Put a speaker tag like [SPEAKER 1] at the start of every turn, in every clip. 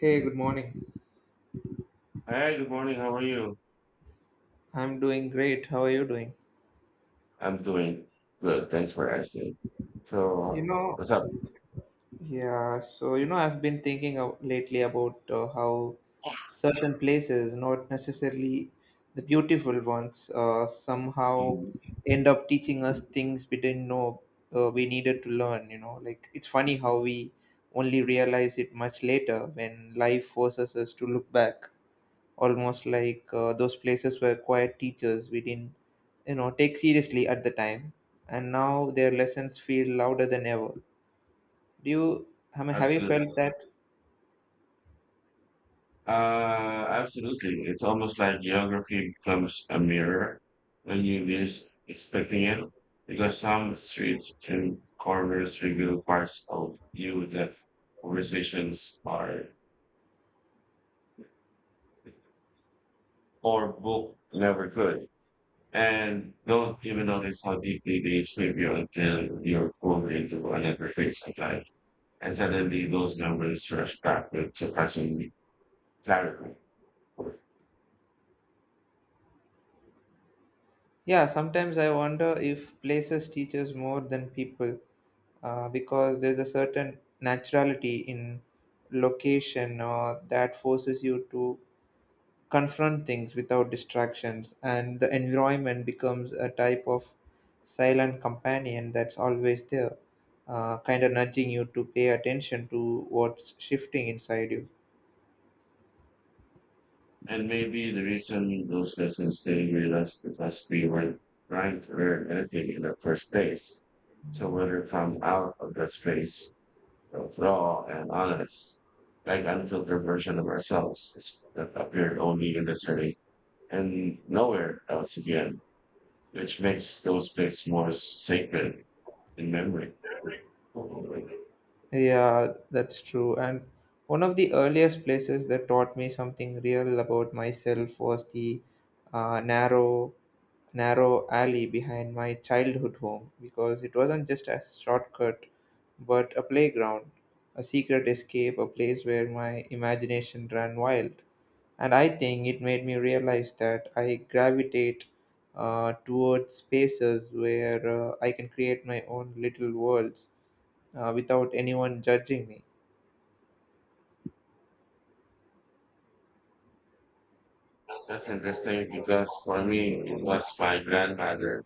[SPEAKER 1] Hey, good morning.
[SPEAKER 2] Hi, good morning. How are you?
[SPEAKER 1] I'm doing great. How are you doing?
[SPEAKER 2] I'm doing good. Thanks for asking.
[SPEAKER 1] You
[SPEAKER 2] So,
[SPEAKER 1] know,
[SPEAKER 2] what's up?
[SPEAKER 1] yeah, so I've been thinking of lately about how certain places, not necessarily the beautiful ones, somehow
[SPEAKER 2] Mm,
[SPEAKER 1] end up teaching us things we didn't know we needed to learn. Like, it's funny how we only realize it much later when life forces us to look back. Almost like those places were quiet teachers we didn't take seriously at the time, and now their lessons feel louder than ever. Do you, I mean, have you
[SPEAKER 2] Absolutely.
[SPEAKER 1] felt that?
[SPEAKER 2] Absolutely. It's almost like geography becomes a mirror when you least expecting it, because some streets and corners reveal parts of you that conversations are or book never could, and don't even notice how deeply they shape you until you're pulled into another phase of life. And suddenly those numbers rush back backward surprisingly clarity.
[SPEAKER 1] Yeah, sometimes I wonder if places teaches more than people, because there's a certain naturality in location that forces you to confront things without distractions, and the environment becomes a type of silent companion that's always there, kind of nudging you to pay attention to what's shifting inside you.
[SPEAKER 2] And maybe the reason those lessons didn't realize because we weren't trying to learn anything in the first place. So whether from out of that space of raw and honest, like unfiltered version of ourselves that appeared only in the study and nowhere else again, which makes those bits more sacred in memory.
[SPEAKER 1] Yeah, that's true. And one of the earliest places that taught me something real about myself was the uh, narrow narrow alley behind my childhood home, because it wasn't just a shortcut but a playground, a secret escape, a place where my imagination ran wild. And I think it made me realize that I gravitate towards spaces where I can create my own little worlds without anyone judging me.
[SPEAKER 2] That's interesting because for me, it was my grandmother.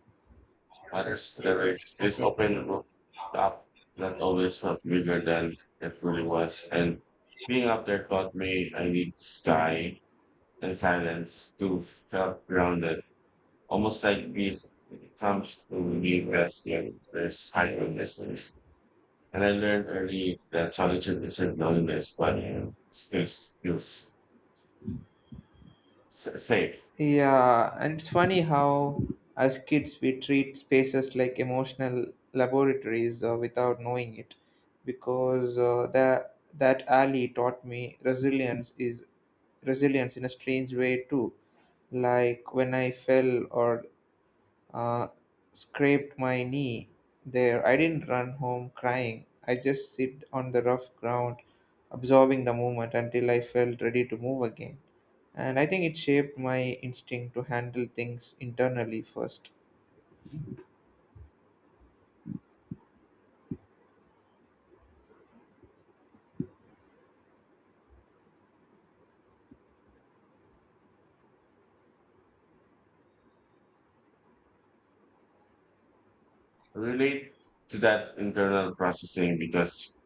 [SPEAKER 2] Others, there is this open rooftop that always felt bigger than it really was. And being up there taught me I need sky and silence to felt grounded, almost like peace it comes to me resting. There's high distance. And I learned early that solitude isn't loneliness, but space feels safe.
[SPEAKER 1] Yeah, and it's funny how, as kids, we treat spaces like emotional laboratories without knowing it, because that alley taught me resilience in a strange way too. Like when I fell or uh, scraped my knee there. I didn't run home crying. I just sit on the rough ground, absorbing the moment until I felt ready to move again. And I think it shaped my instinct to handle things internally first.
[SPEAKER 2] Relate to that internal processing because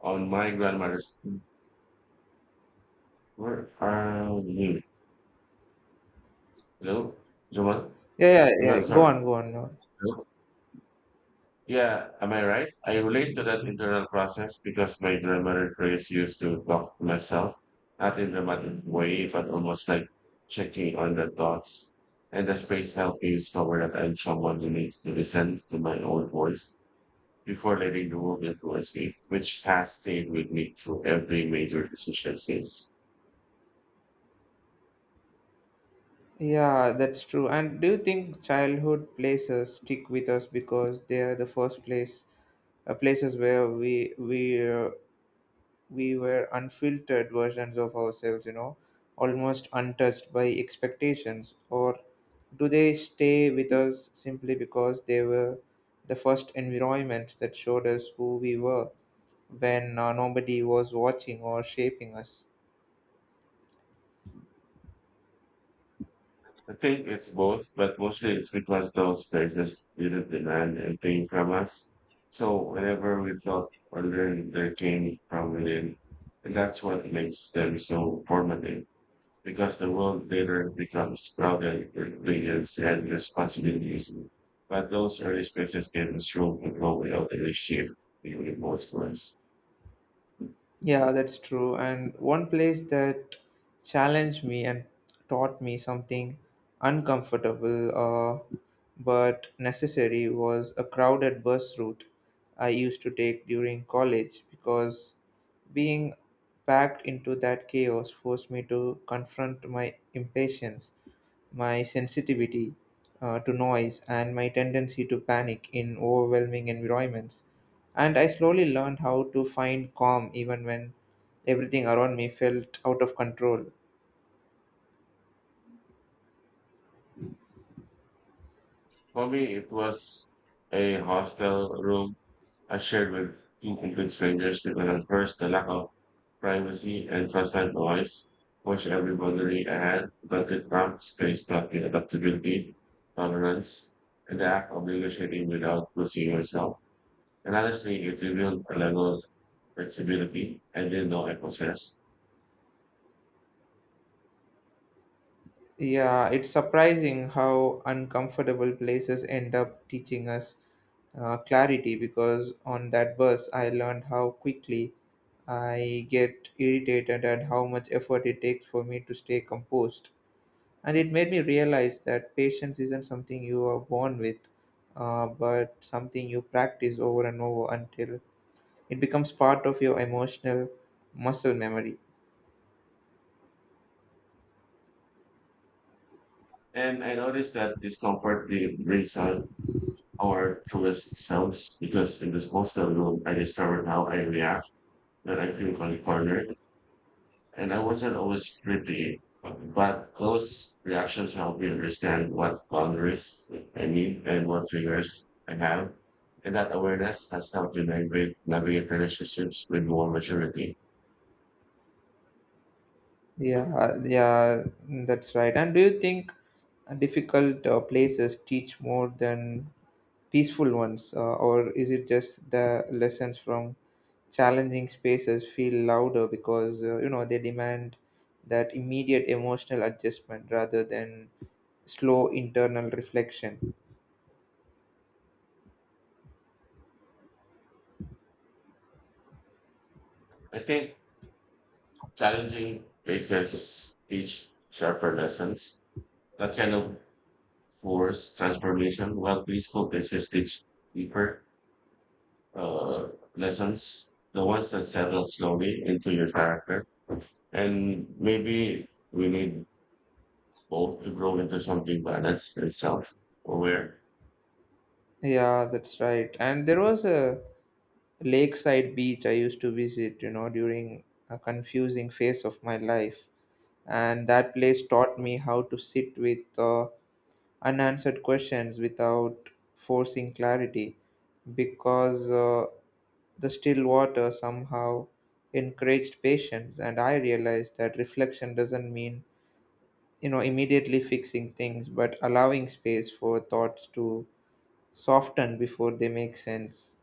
[SPEAKER 2] on my grandmother's where are you? Hello? Jamal?
[SPEAKER 1] Yeah, yeah,
[SPEAKER 2] Jamal,
[SPEAKER 1] yeah. Go
[SPEAKER 2] sorry.
[SPEAKER 1] on, go on. Go on.
[SPEAKER 2] Hello? Yeah, am I right? I relate to that internal process because my grandmother Grace used to talk to myself, not in dramatic way, but almost like checking on the thoughts. And the space helped me discover that I'm someone who needs to listen to my own voice before letting the world influence me, which has stayed with me through every major decision since.
[SPEAKER 1] Yeah, that's true. And do you think childhood places stick with us because they are the first place, places where we were unfiltered versions of ourselves, you know, almost untouched by expectations? Or do they stay with us simply because they were the first environment that showed us who we were when nobody was watching or shaping us?
[SPEAKER 2] I think it's both, but mostly it's because those places didn't demand anything from us. So whenever we felt or learned, they came from within. And that's what makes them so formative, because the world later becomes crowded with opinions and responsibilities. But those early spaces gave us room to grow without any shift in most of us.
[SPEAKER 1] Yeah, that's true. And one place that challenged me and taught me something uncomfortable, uh, but necessary, was a crowded bus route I used to take during college, because being packed into that chaos forced me to confront my impatience, my sensitivity to noise, and my tendency to panic in overwhelming environments. And I slowly learned how to find calm even when everything around me felt out of control.
[SPEAKER 2] For me, it was a hostel room I shared with two complete strangers because at first the lack of privacy and constant noise pushed every boundary I had, but the cramped space taught me adaptability, tolerance, and the act of negotiating without losing yourself. And honestly, it revealed a level of flexibility I didn't know I possessed.
[SPEAKER 1] Yeah, it's surprising how uncomfortable places end up teaching us clarity, because on that bus I learned how quickly I get irritated and how much effort it takes for me to stay composed. And it made me realize that patience isn't something you are born with, but something you practice over and over until it becomes part of your emotional muscle memory.
[SPEAKER 2] And I noticed that discomfort really brings out our truest selves because in this hostel room, I discovered how I react that I feel like cornered, and I wasn't always pretty, but those reactions help me understand what boundaries I need and what triggers I have. And that awareness has helped me navigate relationships with more maturity. I
[SPEAKER 1] Yeah, yeah, that's right. And do you think difficult places teach more than peaceful ones, or is it just the lessons from challenging spaces feel louder because you know they demand that immediate emotional adjustment rather than slow internal reflection?
[SPEAKER 2] think challenging places teach sharper lessons that kind of force transformation, while peaceful places teach deeper uh, lessons, the ones that settle slowly into your character. And maybe we need both to grow into something balanced and self aware.
[SPEAKER 1] Yeah, that's right. And there was a lakeside beach I used to visit, you know, during a confusing phase of my life. And that place taught me how to sit with unanswered questions without forcing clarity, because the still water somehow encouraged patience. And I realized that reflection doesn't mean, you know, immediately fixing things, but allowing space for thoughts to soften before they make sense.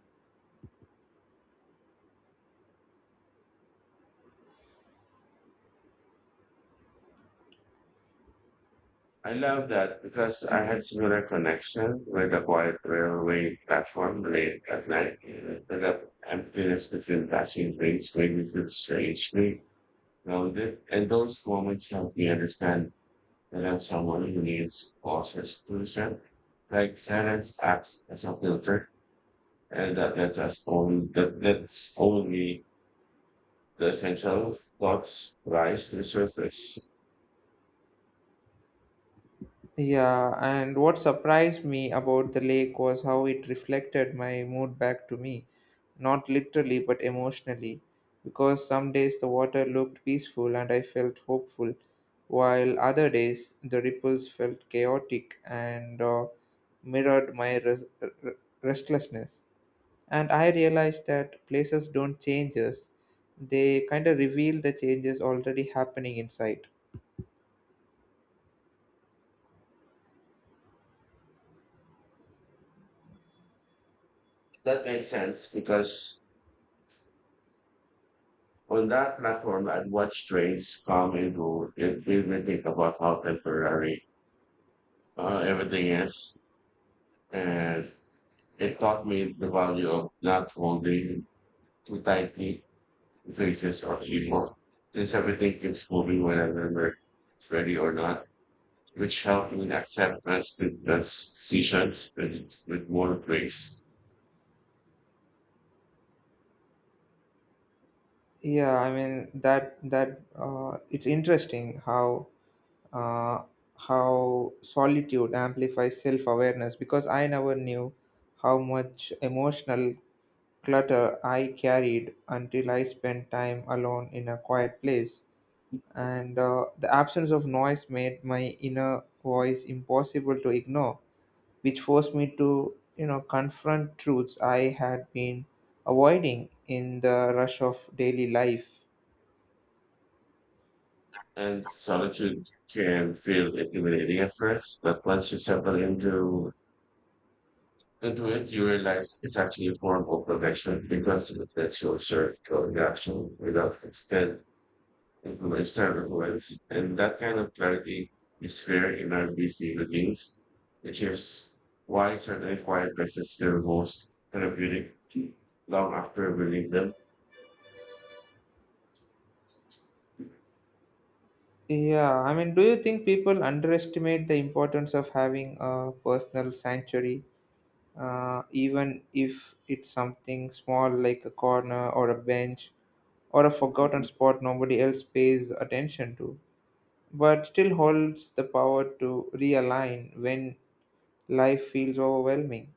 [SPEAKER 2] I love that because I had similar connection with a quiet railway platform late at night. And that emptiness between passing trains made me feel strangely grounded. And those moments helped me understand and then someone who needs causes to set like silence acts as a filter and that lets us only that's only the essential thoughts rise to the surface.
[SPEAKER 1] Yeah, and what surprised me about the lake was how it reflected my mood back to me, not literally but emotionally, because some days the water looked peaceful and I felt hopeful, while other days the ripples felt chaotic and mirrored my restlessness. And I realized that places don't change us, they kind of reveal the changes already happening inside.
[SPEAKER 2] That makes sense because on that platform I'd watch trains come and go. It made me think about how temporary everything is. And it taught me the value of not holding too tightly things is on anymore. Since everything keeps moving when I remember it's ready or not, which helped me accept my split decisions with more grace.
[SPEAKER 1] Yeah, I mean that that it's interesting uh, how solitude amplifies self-awareness, because I never knew how much emotional clutter I carried until I spent time alone in a quiet place. And the absence of noise made my inner voice impossible to ignore, which forced me to, you know, confront truths I had been avoiding in the rush of daily life.
[SPEAKER 2] And solitude can feel intimidating at first, but once you settle into it, you realize it's actually a form of protection because it lets you observe your reaction without constant into my standard voice. And that kind of clarity is rare in our busy routines, which is why certain quiet places feel most therapeutic long after we leave them.
[SPEAKER 1] Yeah, I mean, do you think people underestimate the importance of having a personal sanctuary, even if it's something small like a corner or a bench or a forgotten spot nobody else pays attention to, but still holds the power to realign when life feels overwhelming?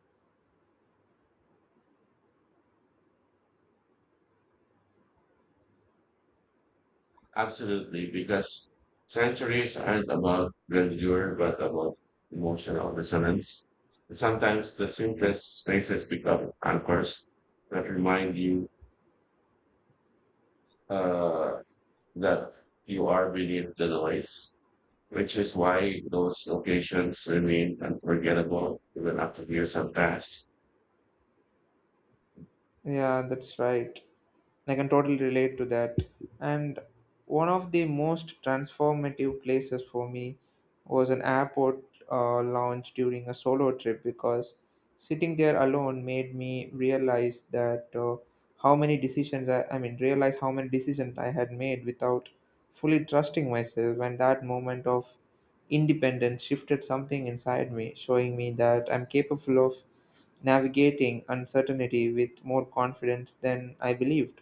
[SPEAKER 2] Absolutely, because sanctuaries aren't about grandeur, but about emotional resonance. Sometimes the simplest spaces become anchors that remind you uh, that you are beneath the noise, which is why those locations remain unforgettable even after years have passed.
[SPEAKER 1] Yeah, that's right. I can totally relate to that. And one of the most transformative places for me was an airport lounge during a solo trip, because sitting there alone made me realize that how many decisions I mean realize how many decisions I had made without fully trusting myself, and that moment of independence shifted something inside me, showing me that I'm capable of navigating uncertainty with more confidence than I believed.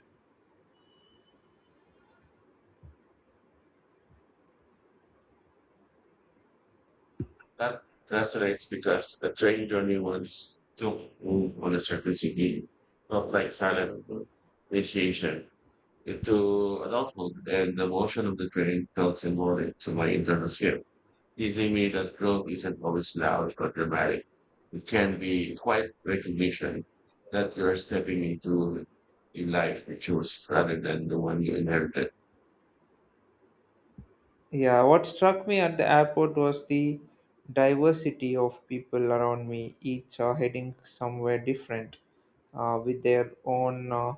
[SPEAKER 2] That resonates because a train journey once took move on a certain city, not like silent initiation. It to adulthood and the motion of the train felt symbolic to my internal shift, teasing me that growth isn't always loud or dramatic. It can be quite recognition that you're stepping into a life you chose rather than the one you inherited.
[SPEAKER 1] Yeah, what struck me at the airport was the diversity of people around me, each are heading somewhere different, uh, with their own uh,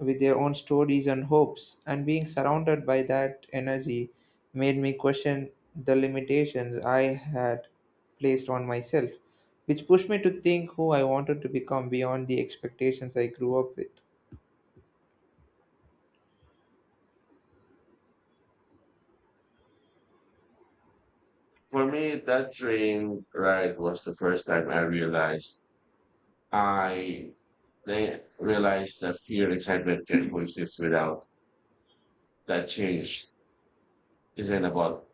[SPEAKER 1] with their own stories and hopes. And being surrounded by that energy made me question the limitations I had placed on myself, which pushed me to think who I wanted to become beyond the expectations I grew up with.
[SPEAKER 2] For me, that train ride was the first time I realized I they realized that fear and excitement can coexist without that change isn't about.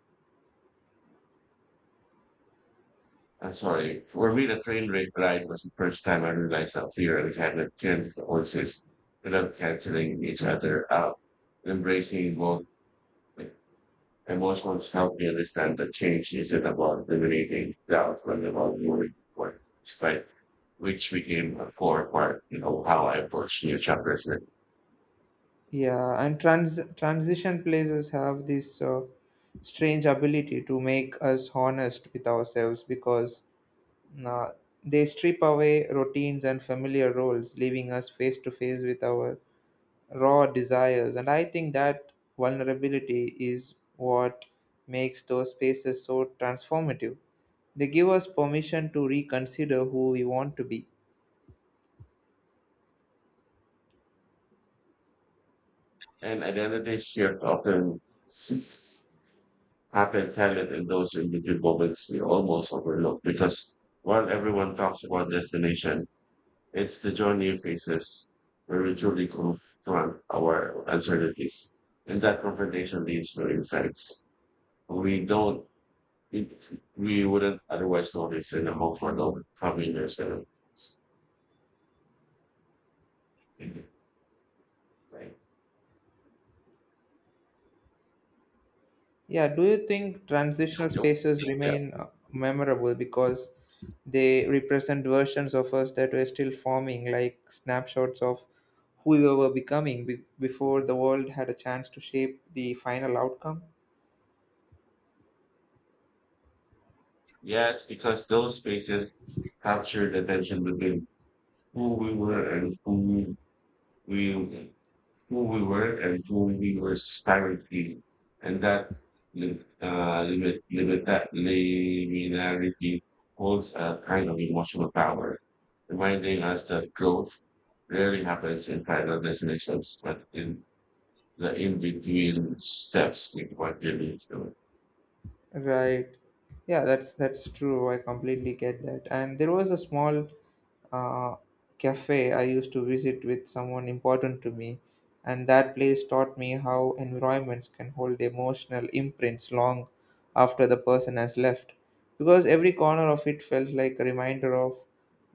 [SPEAKER 2] I'm sorry. For me, the train wreck ride was the first time I realized how fear and habit can coexist without canceling each other out. Embracing both like, emotions helped me understand that change isn't about eliminating doubt, but about moving forward, despite which became a core part, how I approach new chapters. And
[SPEAKER 1] Yeah, and transition places have this strange ability to make us honest with ourselves, because uh, they strip away routines and familiar roles, leaving us face to face with our raw desires. And I think that vulnerability is what makes those spaces so transformative. They give us permission to reconsider who we want to be.
[SPEAKER 2] and identity shift often s- happens silent in those individual moments we almost overlook because while everyone talks about destination, it's the journey faces where we truly confront our uncertainties. And that confrontation leads to insights we don't, it, we wouldn't otherwise notice in a comfortable, familiar setting. Right.
[SPEAKER 1] Yeah, do you think transitional
[SPEAKER 2] Yep.
[SPEAKER 1] spaces
[SPEAKER 2] Yeah.
[SPEAKER 1] remain memorable because they represent versions of us that were still forming, like snapshots of who we were becoming before the world had a chance to shape the final outcome?
[SPEAKER 2] Yes, because those spaces captured the tension between who we were and who we who we were and who we were aspiring to be. And that limit that liminarity holds a kind of emotional power, reminding us that growth rarely happens in final destinations, but in the in-between steps with what you need to.
[SPEAKER 1] Right. Yeah, that's true. I completely get that. And there was a small uh, cafe I used to visit with someone important to me, and that place taught me how environments can hold emotional imprints long after the person has left. Because every corner of it felt like a reminder of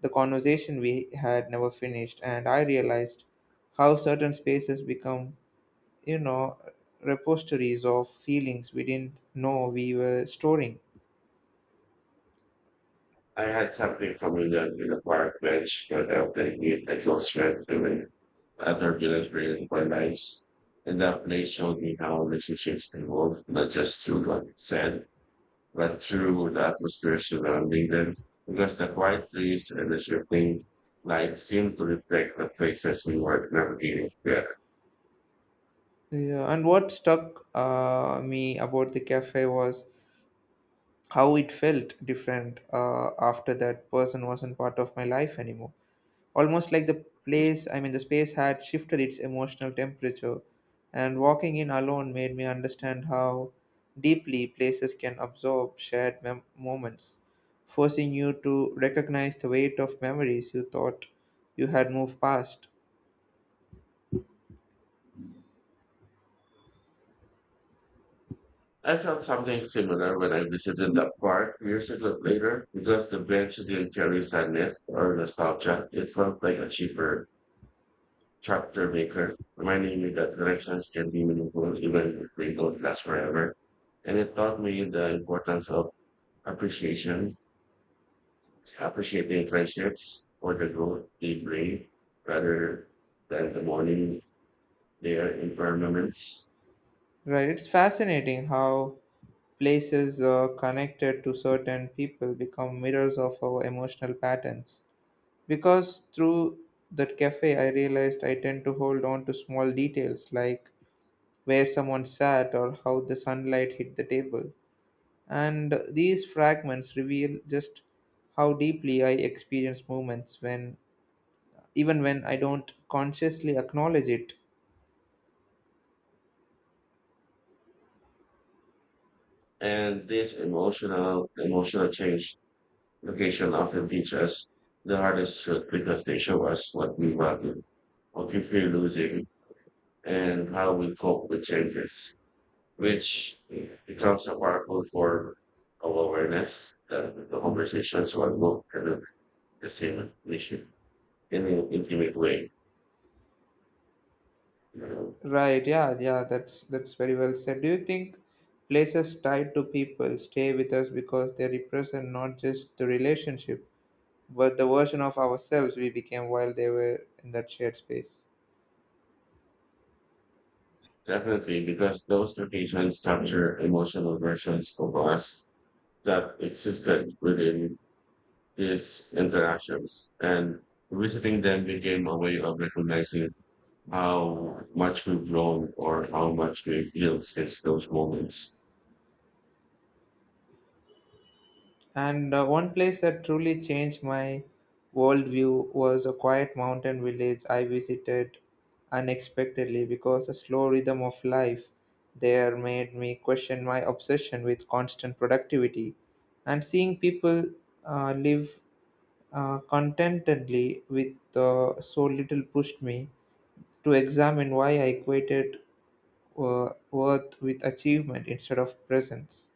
[SPEAKER 1] the conversation we had never finished, and I realized how certain spaces become, you know, repositories of feelings we didn't know we were storing.
[SPEAKER 2] I had something familiar in the park bench, but I don't think it a close friend doing other relationships for lives. And that place showed me how relationships evolve, not just through what it said, but through the atmosphere surrounding them. Because the quiet trees and the shifting light seemed to reflect the places we were navigating together.
[SPEAKER 1] Yeah, and what stuck me about the cafe was how it felt different after that person wasn't part of my life anymore, almost like the place I mean the space had shifted its emotional temperature, and walking in alone made me understand how deeply places can absorb shared moments, forcing you to recognize the weight of memories you thought you had moved past.
[SPEAKER 2] I felt something similar when I visited the park years ago later, because the bench didn't carry sadness or nostalgia. It felt like a cheaper chapter maker, reminding me that connections can be meaningful even if they don't last forever. And it taught me the importance of appreciation, appreciating friendships for the growth they bring rather than the morning their environments.
[SPEAKER 1] Right, it's fascinating how places connected to certain people become mirrors of our emotional patterns. Because through that cafe, I realized I tend to hold on to small details like where someone sat or how the sunlight hit the table. And these fragments reveal just how deeply I experience moments when, even when I don't consciously acknowledge it.
[SPEAKER 2] And this emotional change location often teach us the hardest truth because they show us what we value, what we fear losing, and how we cope with changes, which becomes a powerful form of awareness that the conversations are not kind of the same issue in an intimate way.
[SPEAKER 1] Right, yeah, yeah, that's very well said. Do you think places tied to people stay with us because they represent not just the relationship but the version of ourselves we became while they were in that shared space?
[SPEAKER 2] Definitely, because those locations capture emotional versions of us that existed within these interactions. And visiting them became a way of recognizing how much we've grown or how much we've healed since those moments.
[SPEAKER 1] And one place that truly changed my worldview was a quiet mountain village I visited unexpectedly, because the slow rhythm of life there made me question my obsession with constant productivity. And seeing people live contentedly with so little pushed me to examine why I equated worth with achievement instead of presence.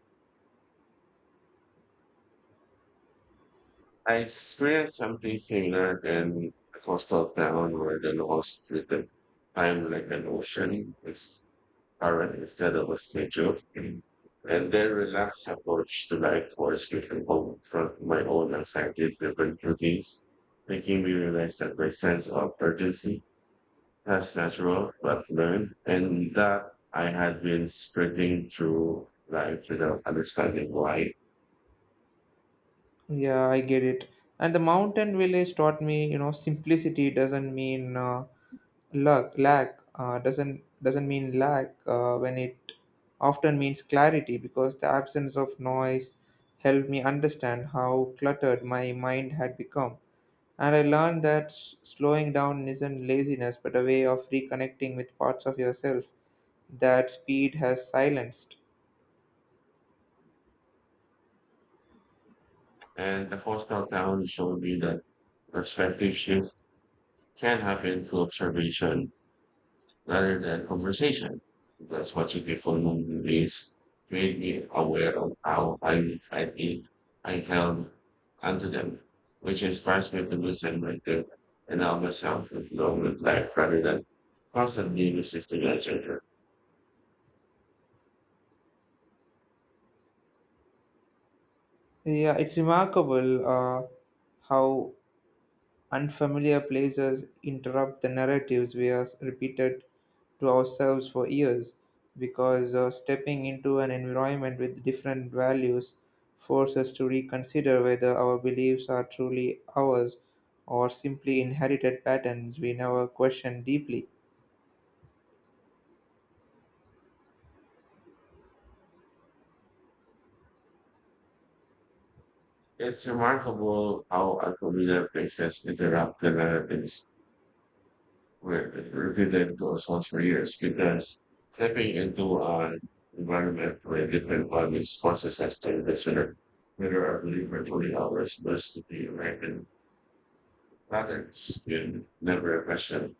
[SPEAKER 2] I experienced something similar in a coastal town where the laws treated time like an ocean with current instead of a schedule. And their relaxed approach to life forced me to confront my own anxiety-driven routines, making me realize that my sense of urgency has natural but learned, and that I had been sprinting through life without understanding why.
[SPEAKER 1] Yeah, I get it. And the mountain village taught me, you know, simplicity doesn't mean luck, lack. Doesn't mean lack when it often means clarity, because the absence of noise helped me understand how cluttered my mind had become. And I learned that slowing down isn't laziness but a way of reconnecting with parts of yourself that speed has silenced.
[SPEAKER 2] And the coastal town showed me that perspective shift can happen through observation rather than conversation. Because watching people move in ways made me aware of how I think I held onto them, which inspires me to listen my good and allow myself to flow with life rather than constantly resisting answer.
[SPEAKER 1] Yeah, it's remarkable how unfamiliar places interrupt the narratives we are repeated to ourselves for years, because stepping into an environment with different values forces us to reconsider whether our beliefs are truly ours or simply inherited patterns we never question deeply.
[SPEAKER 2] It's remarkable how unfamiliar places interrupt the narratives where it repeated those ones for years because stepping into an environment where different values, causes us to consider whether our belief or truly ours must be American patterns in never question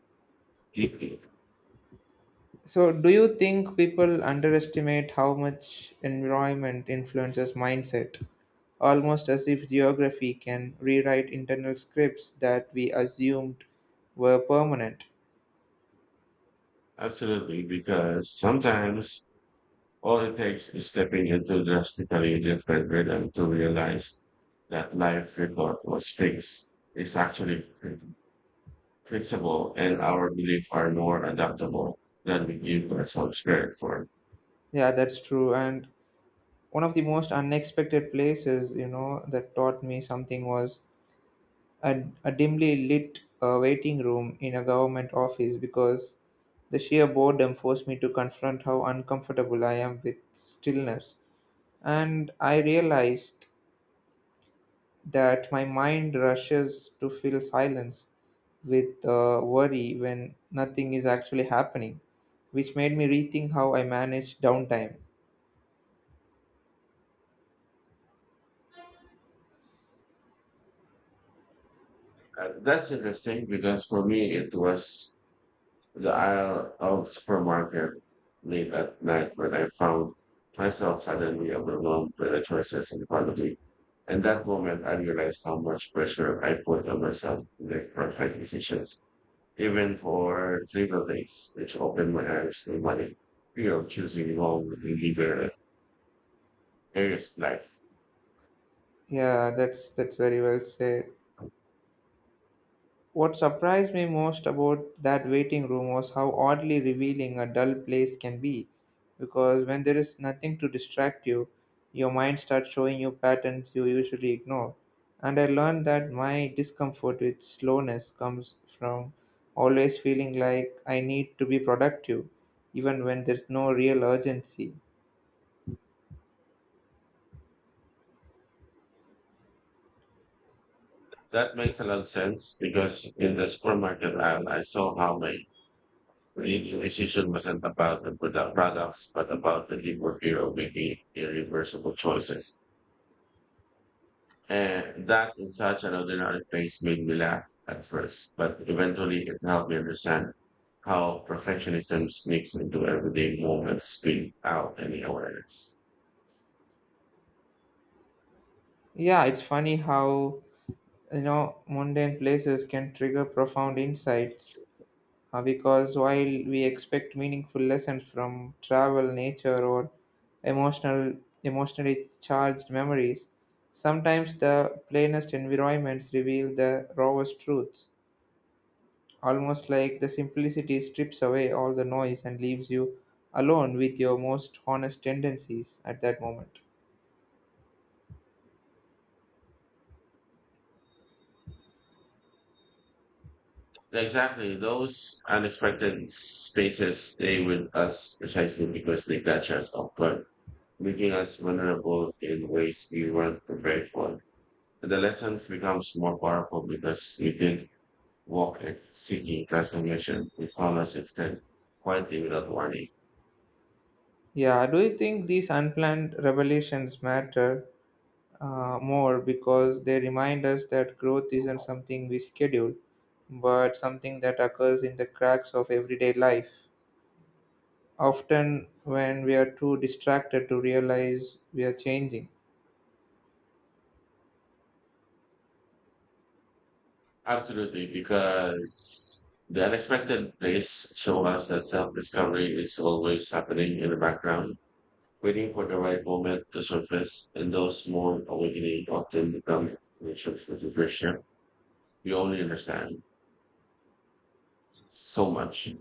[SPEAKER 2] deeply.
[SPEAKER 1] So, do you think people underestimate how much environment influences mindset? Almost as if geography can rewrite internal scripts that we assumed were permanent.
[SPEAKER 2] Absolutely, because sometimes all it takes is stepping into drastically different rhythm to realize that life we thought was fixed is actually flexible and our beliefs are more adaptable than we give ourselves credit for.
[SPEAKER 1] Yeah, that's true. And one of the most unexpected places, you know, that taught me something was a dimly lit waiting room in a government office, because the sheer boredom forced me to confront how uncomfortable I am with stillness, and I realized that my mind rushes to fill silence with worry when nothing is actually happening, which made me rethink how I manage downtime.
[SPEAKER 2] That's interesting because for me, it was the aisle of supermarket late at night when I found myself suddenly overwhelmed by the choices in front of me. And that moment, I realized how much pressure I put on myself to make perfect decisions, even for trivial things, which opened my eyes to money, fear of choosing wrong in either areas of life.
[SPEAKER 1] Yeah, that's very well said. What surprised me most about that waiting room was how oddly revealing a dull place can be, because when there is nothing to distract you, your mind starts showing you patterns you usually ignore. And I learned that my discomfort with slowness comes from always feeling like I need to be productive, even when there's no real urgency.
[SPEAKER 2] That makes a lot of sense because in the supermarket aisle, I saw how my real decision wasn't about the products, but about the deeper fear of making irreversible choices. And that in such an ordinary place made me laugh at first, but eventually it helped me understand how perfectionism sneaks into everyday moments without any awareness.
[SPEAKER 1] Yeah, it's funny how you know mundane places can trigger profound insights. Because while we expect meaningful lessons from travel, nature, or emotional, emotionally charged memories, sometimes the plainest environments reveal the rawest truths. Almost like the simplicity strips away all the noise and leaves you alone with your most honest tendencies at that moment.
[SPEAKER 2] Exactly. Those unexpected spaces stay with us precisely because they catch us off guard, making us vulnerable in ways we weren't prepared for. The lessons becomes more powerful because we didn't walk in seeking transformation. We found us instead quietly without warning.
[SPEAKER 1] Yeah, do you think these unplanned revelations matter more because they remind us that growth isn't something we schedule, but something that occurs in the cracks of everyday life. Often, when we are too distracted to realize we are changing.
[SPEAKER 2] Absolutely, because the unexpected place show us that self-discovery is always happening in the background, waiting for the right moment to surface. And those small awakening often become nature for the first year. We only understand so much.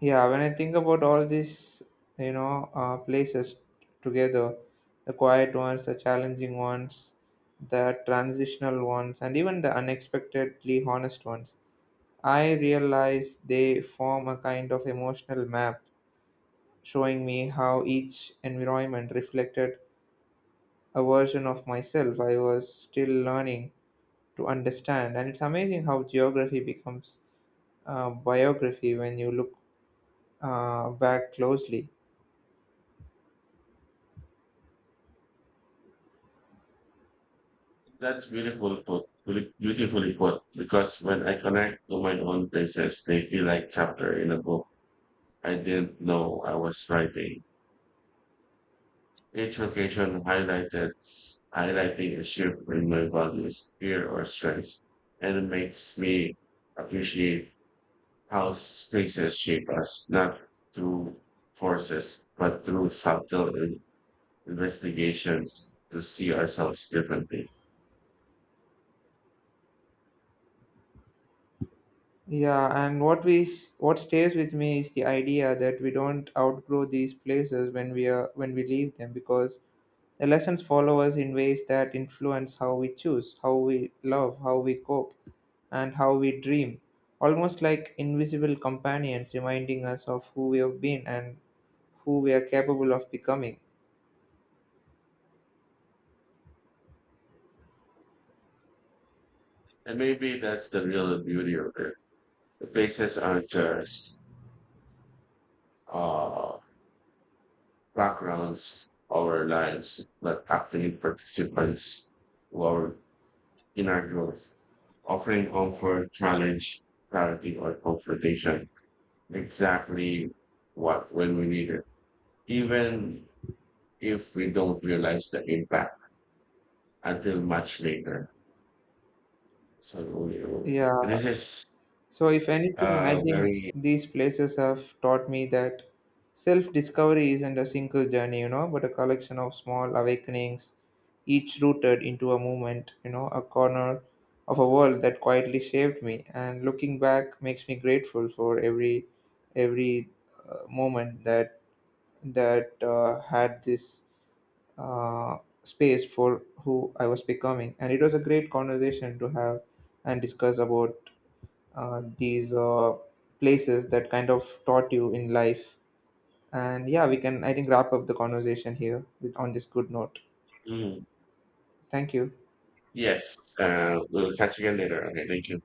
[SPEAKER 1] Yeah, when I think about all these, you know, places together, the quiet ones, the challenging ones, the transitional ones, and even the unexpectedly honest ones, I realize they form a kind of emotional map, showing me how each environment reflected a version of myself I was still learning to understand. And it's amazing how geography becomes biography when you look back closely.
[SPEAKER 2] That's beautifully put, because when I connect to my own places, they feel like chapter in a book I didn't know I was writing. Each location highlighting a shift in my values, fear, or strengths, and it makes me appreciate how spaces shape us, not through forces, but through subtle investigations to see ourselves differently.
[SPEAKER 1] Yeah, and what stays with me is the idea that we don't outgrow these places when we are when we leave them, because Elections follow us in ways that influence how we choose, how we love, how we cope, and how we dream, almost like invisible companions reminding us of who we have been and who we are capable of becoming.
[SPEAKER 2] And maybe that's the real beauty of it. The places aren't just uh, backgrounds of our lives, but active participants who are in our growth, offering comfort, challenge, clarity, or confrontation. Exactly what when we need it, even if we don't realize the impact until much later. So
[SPEAKER 1] Yeah,
[SPEAKER 2] this is
[SPEAKER 1] so, if anything, I think
[SPEAKER 2] very
[SPEAKER 1] these places have taught me that self discovery isn't a single journey, you know, but a collection of small awakenings, each rooted into a movement, you know, a corner of a world that quietly shaped me. And looking back makes me grateful for every moment that had this uh, space for who I was becoming. And it was a great conversation to have and discuss about these places that kind of taught you in life. And yeah, we can, I think, wrap up the conversation here with on this good note.
[SPEAKER 2] mm,
[SPEAKER 1] Thank you.
[SPEAKER 2] yes. We'll catch you again later. Okay, thank you.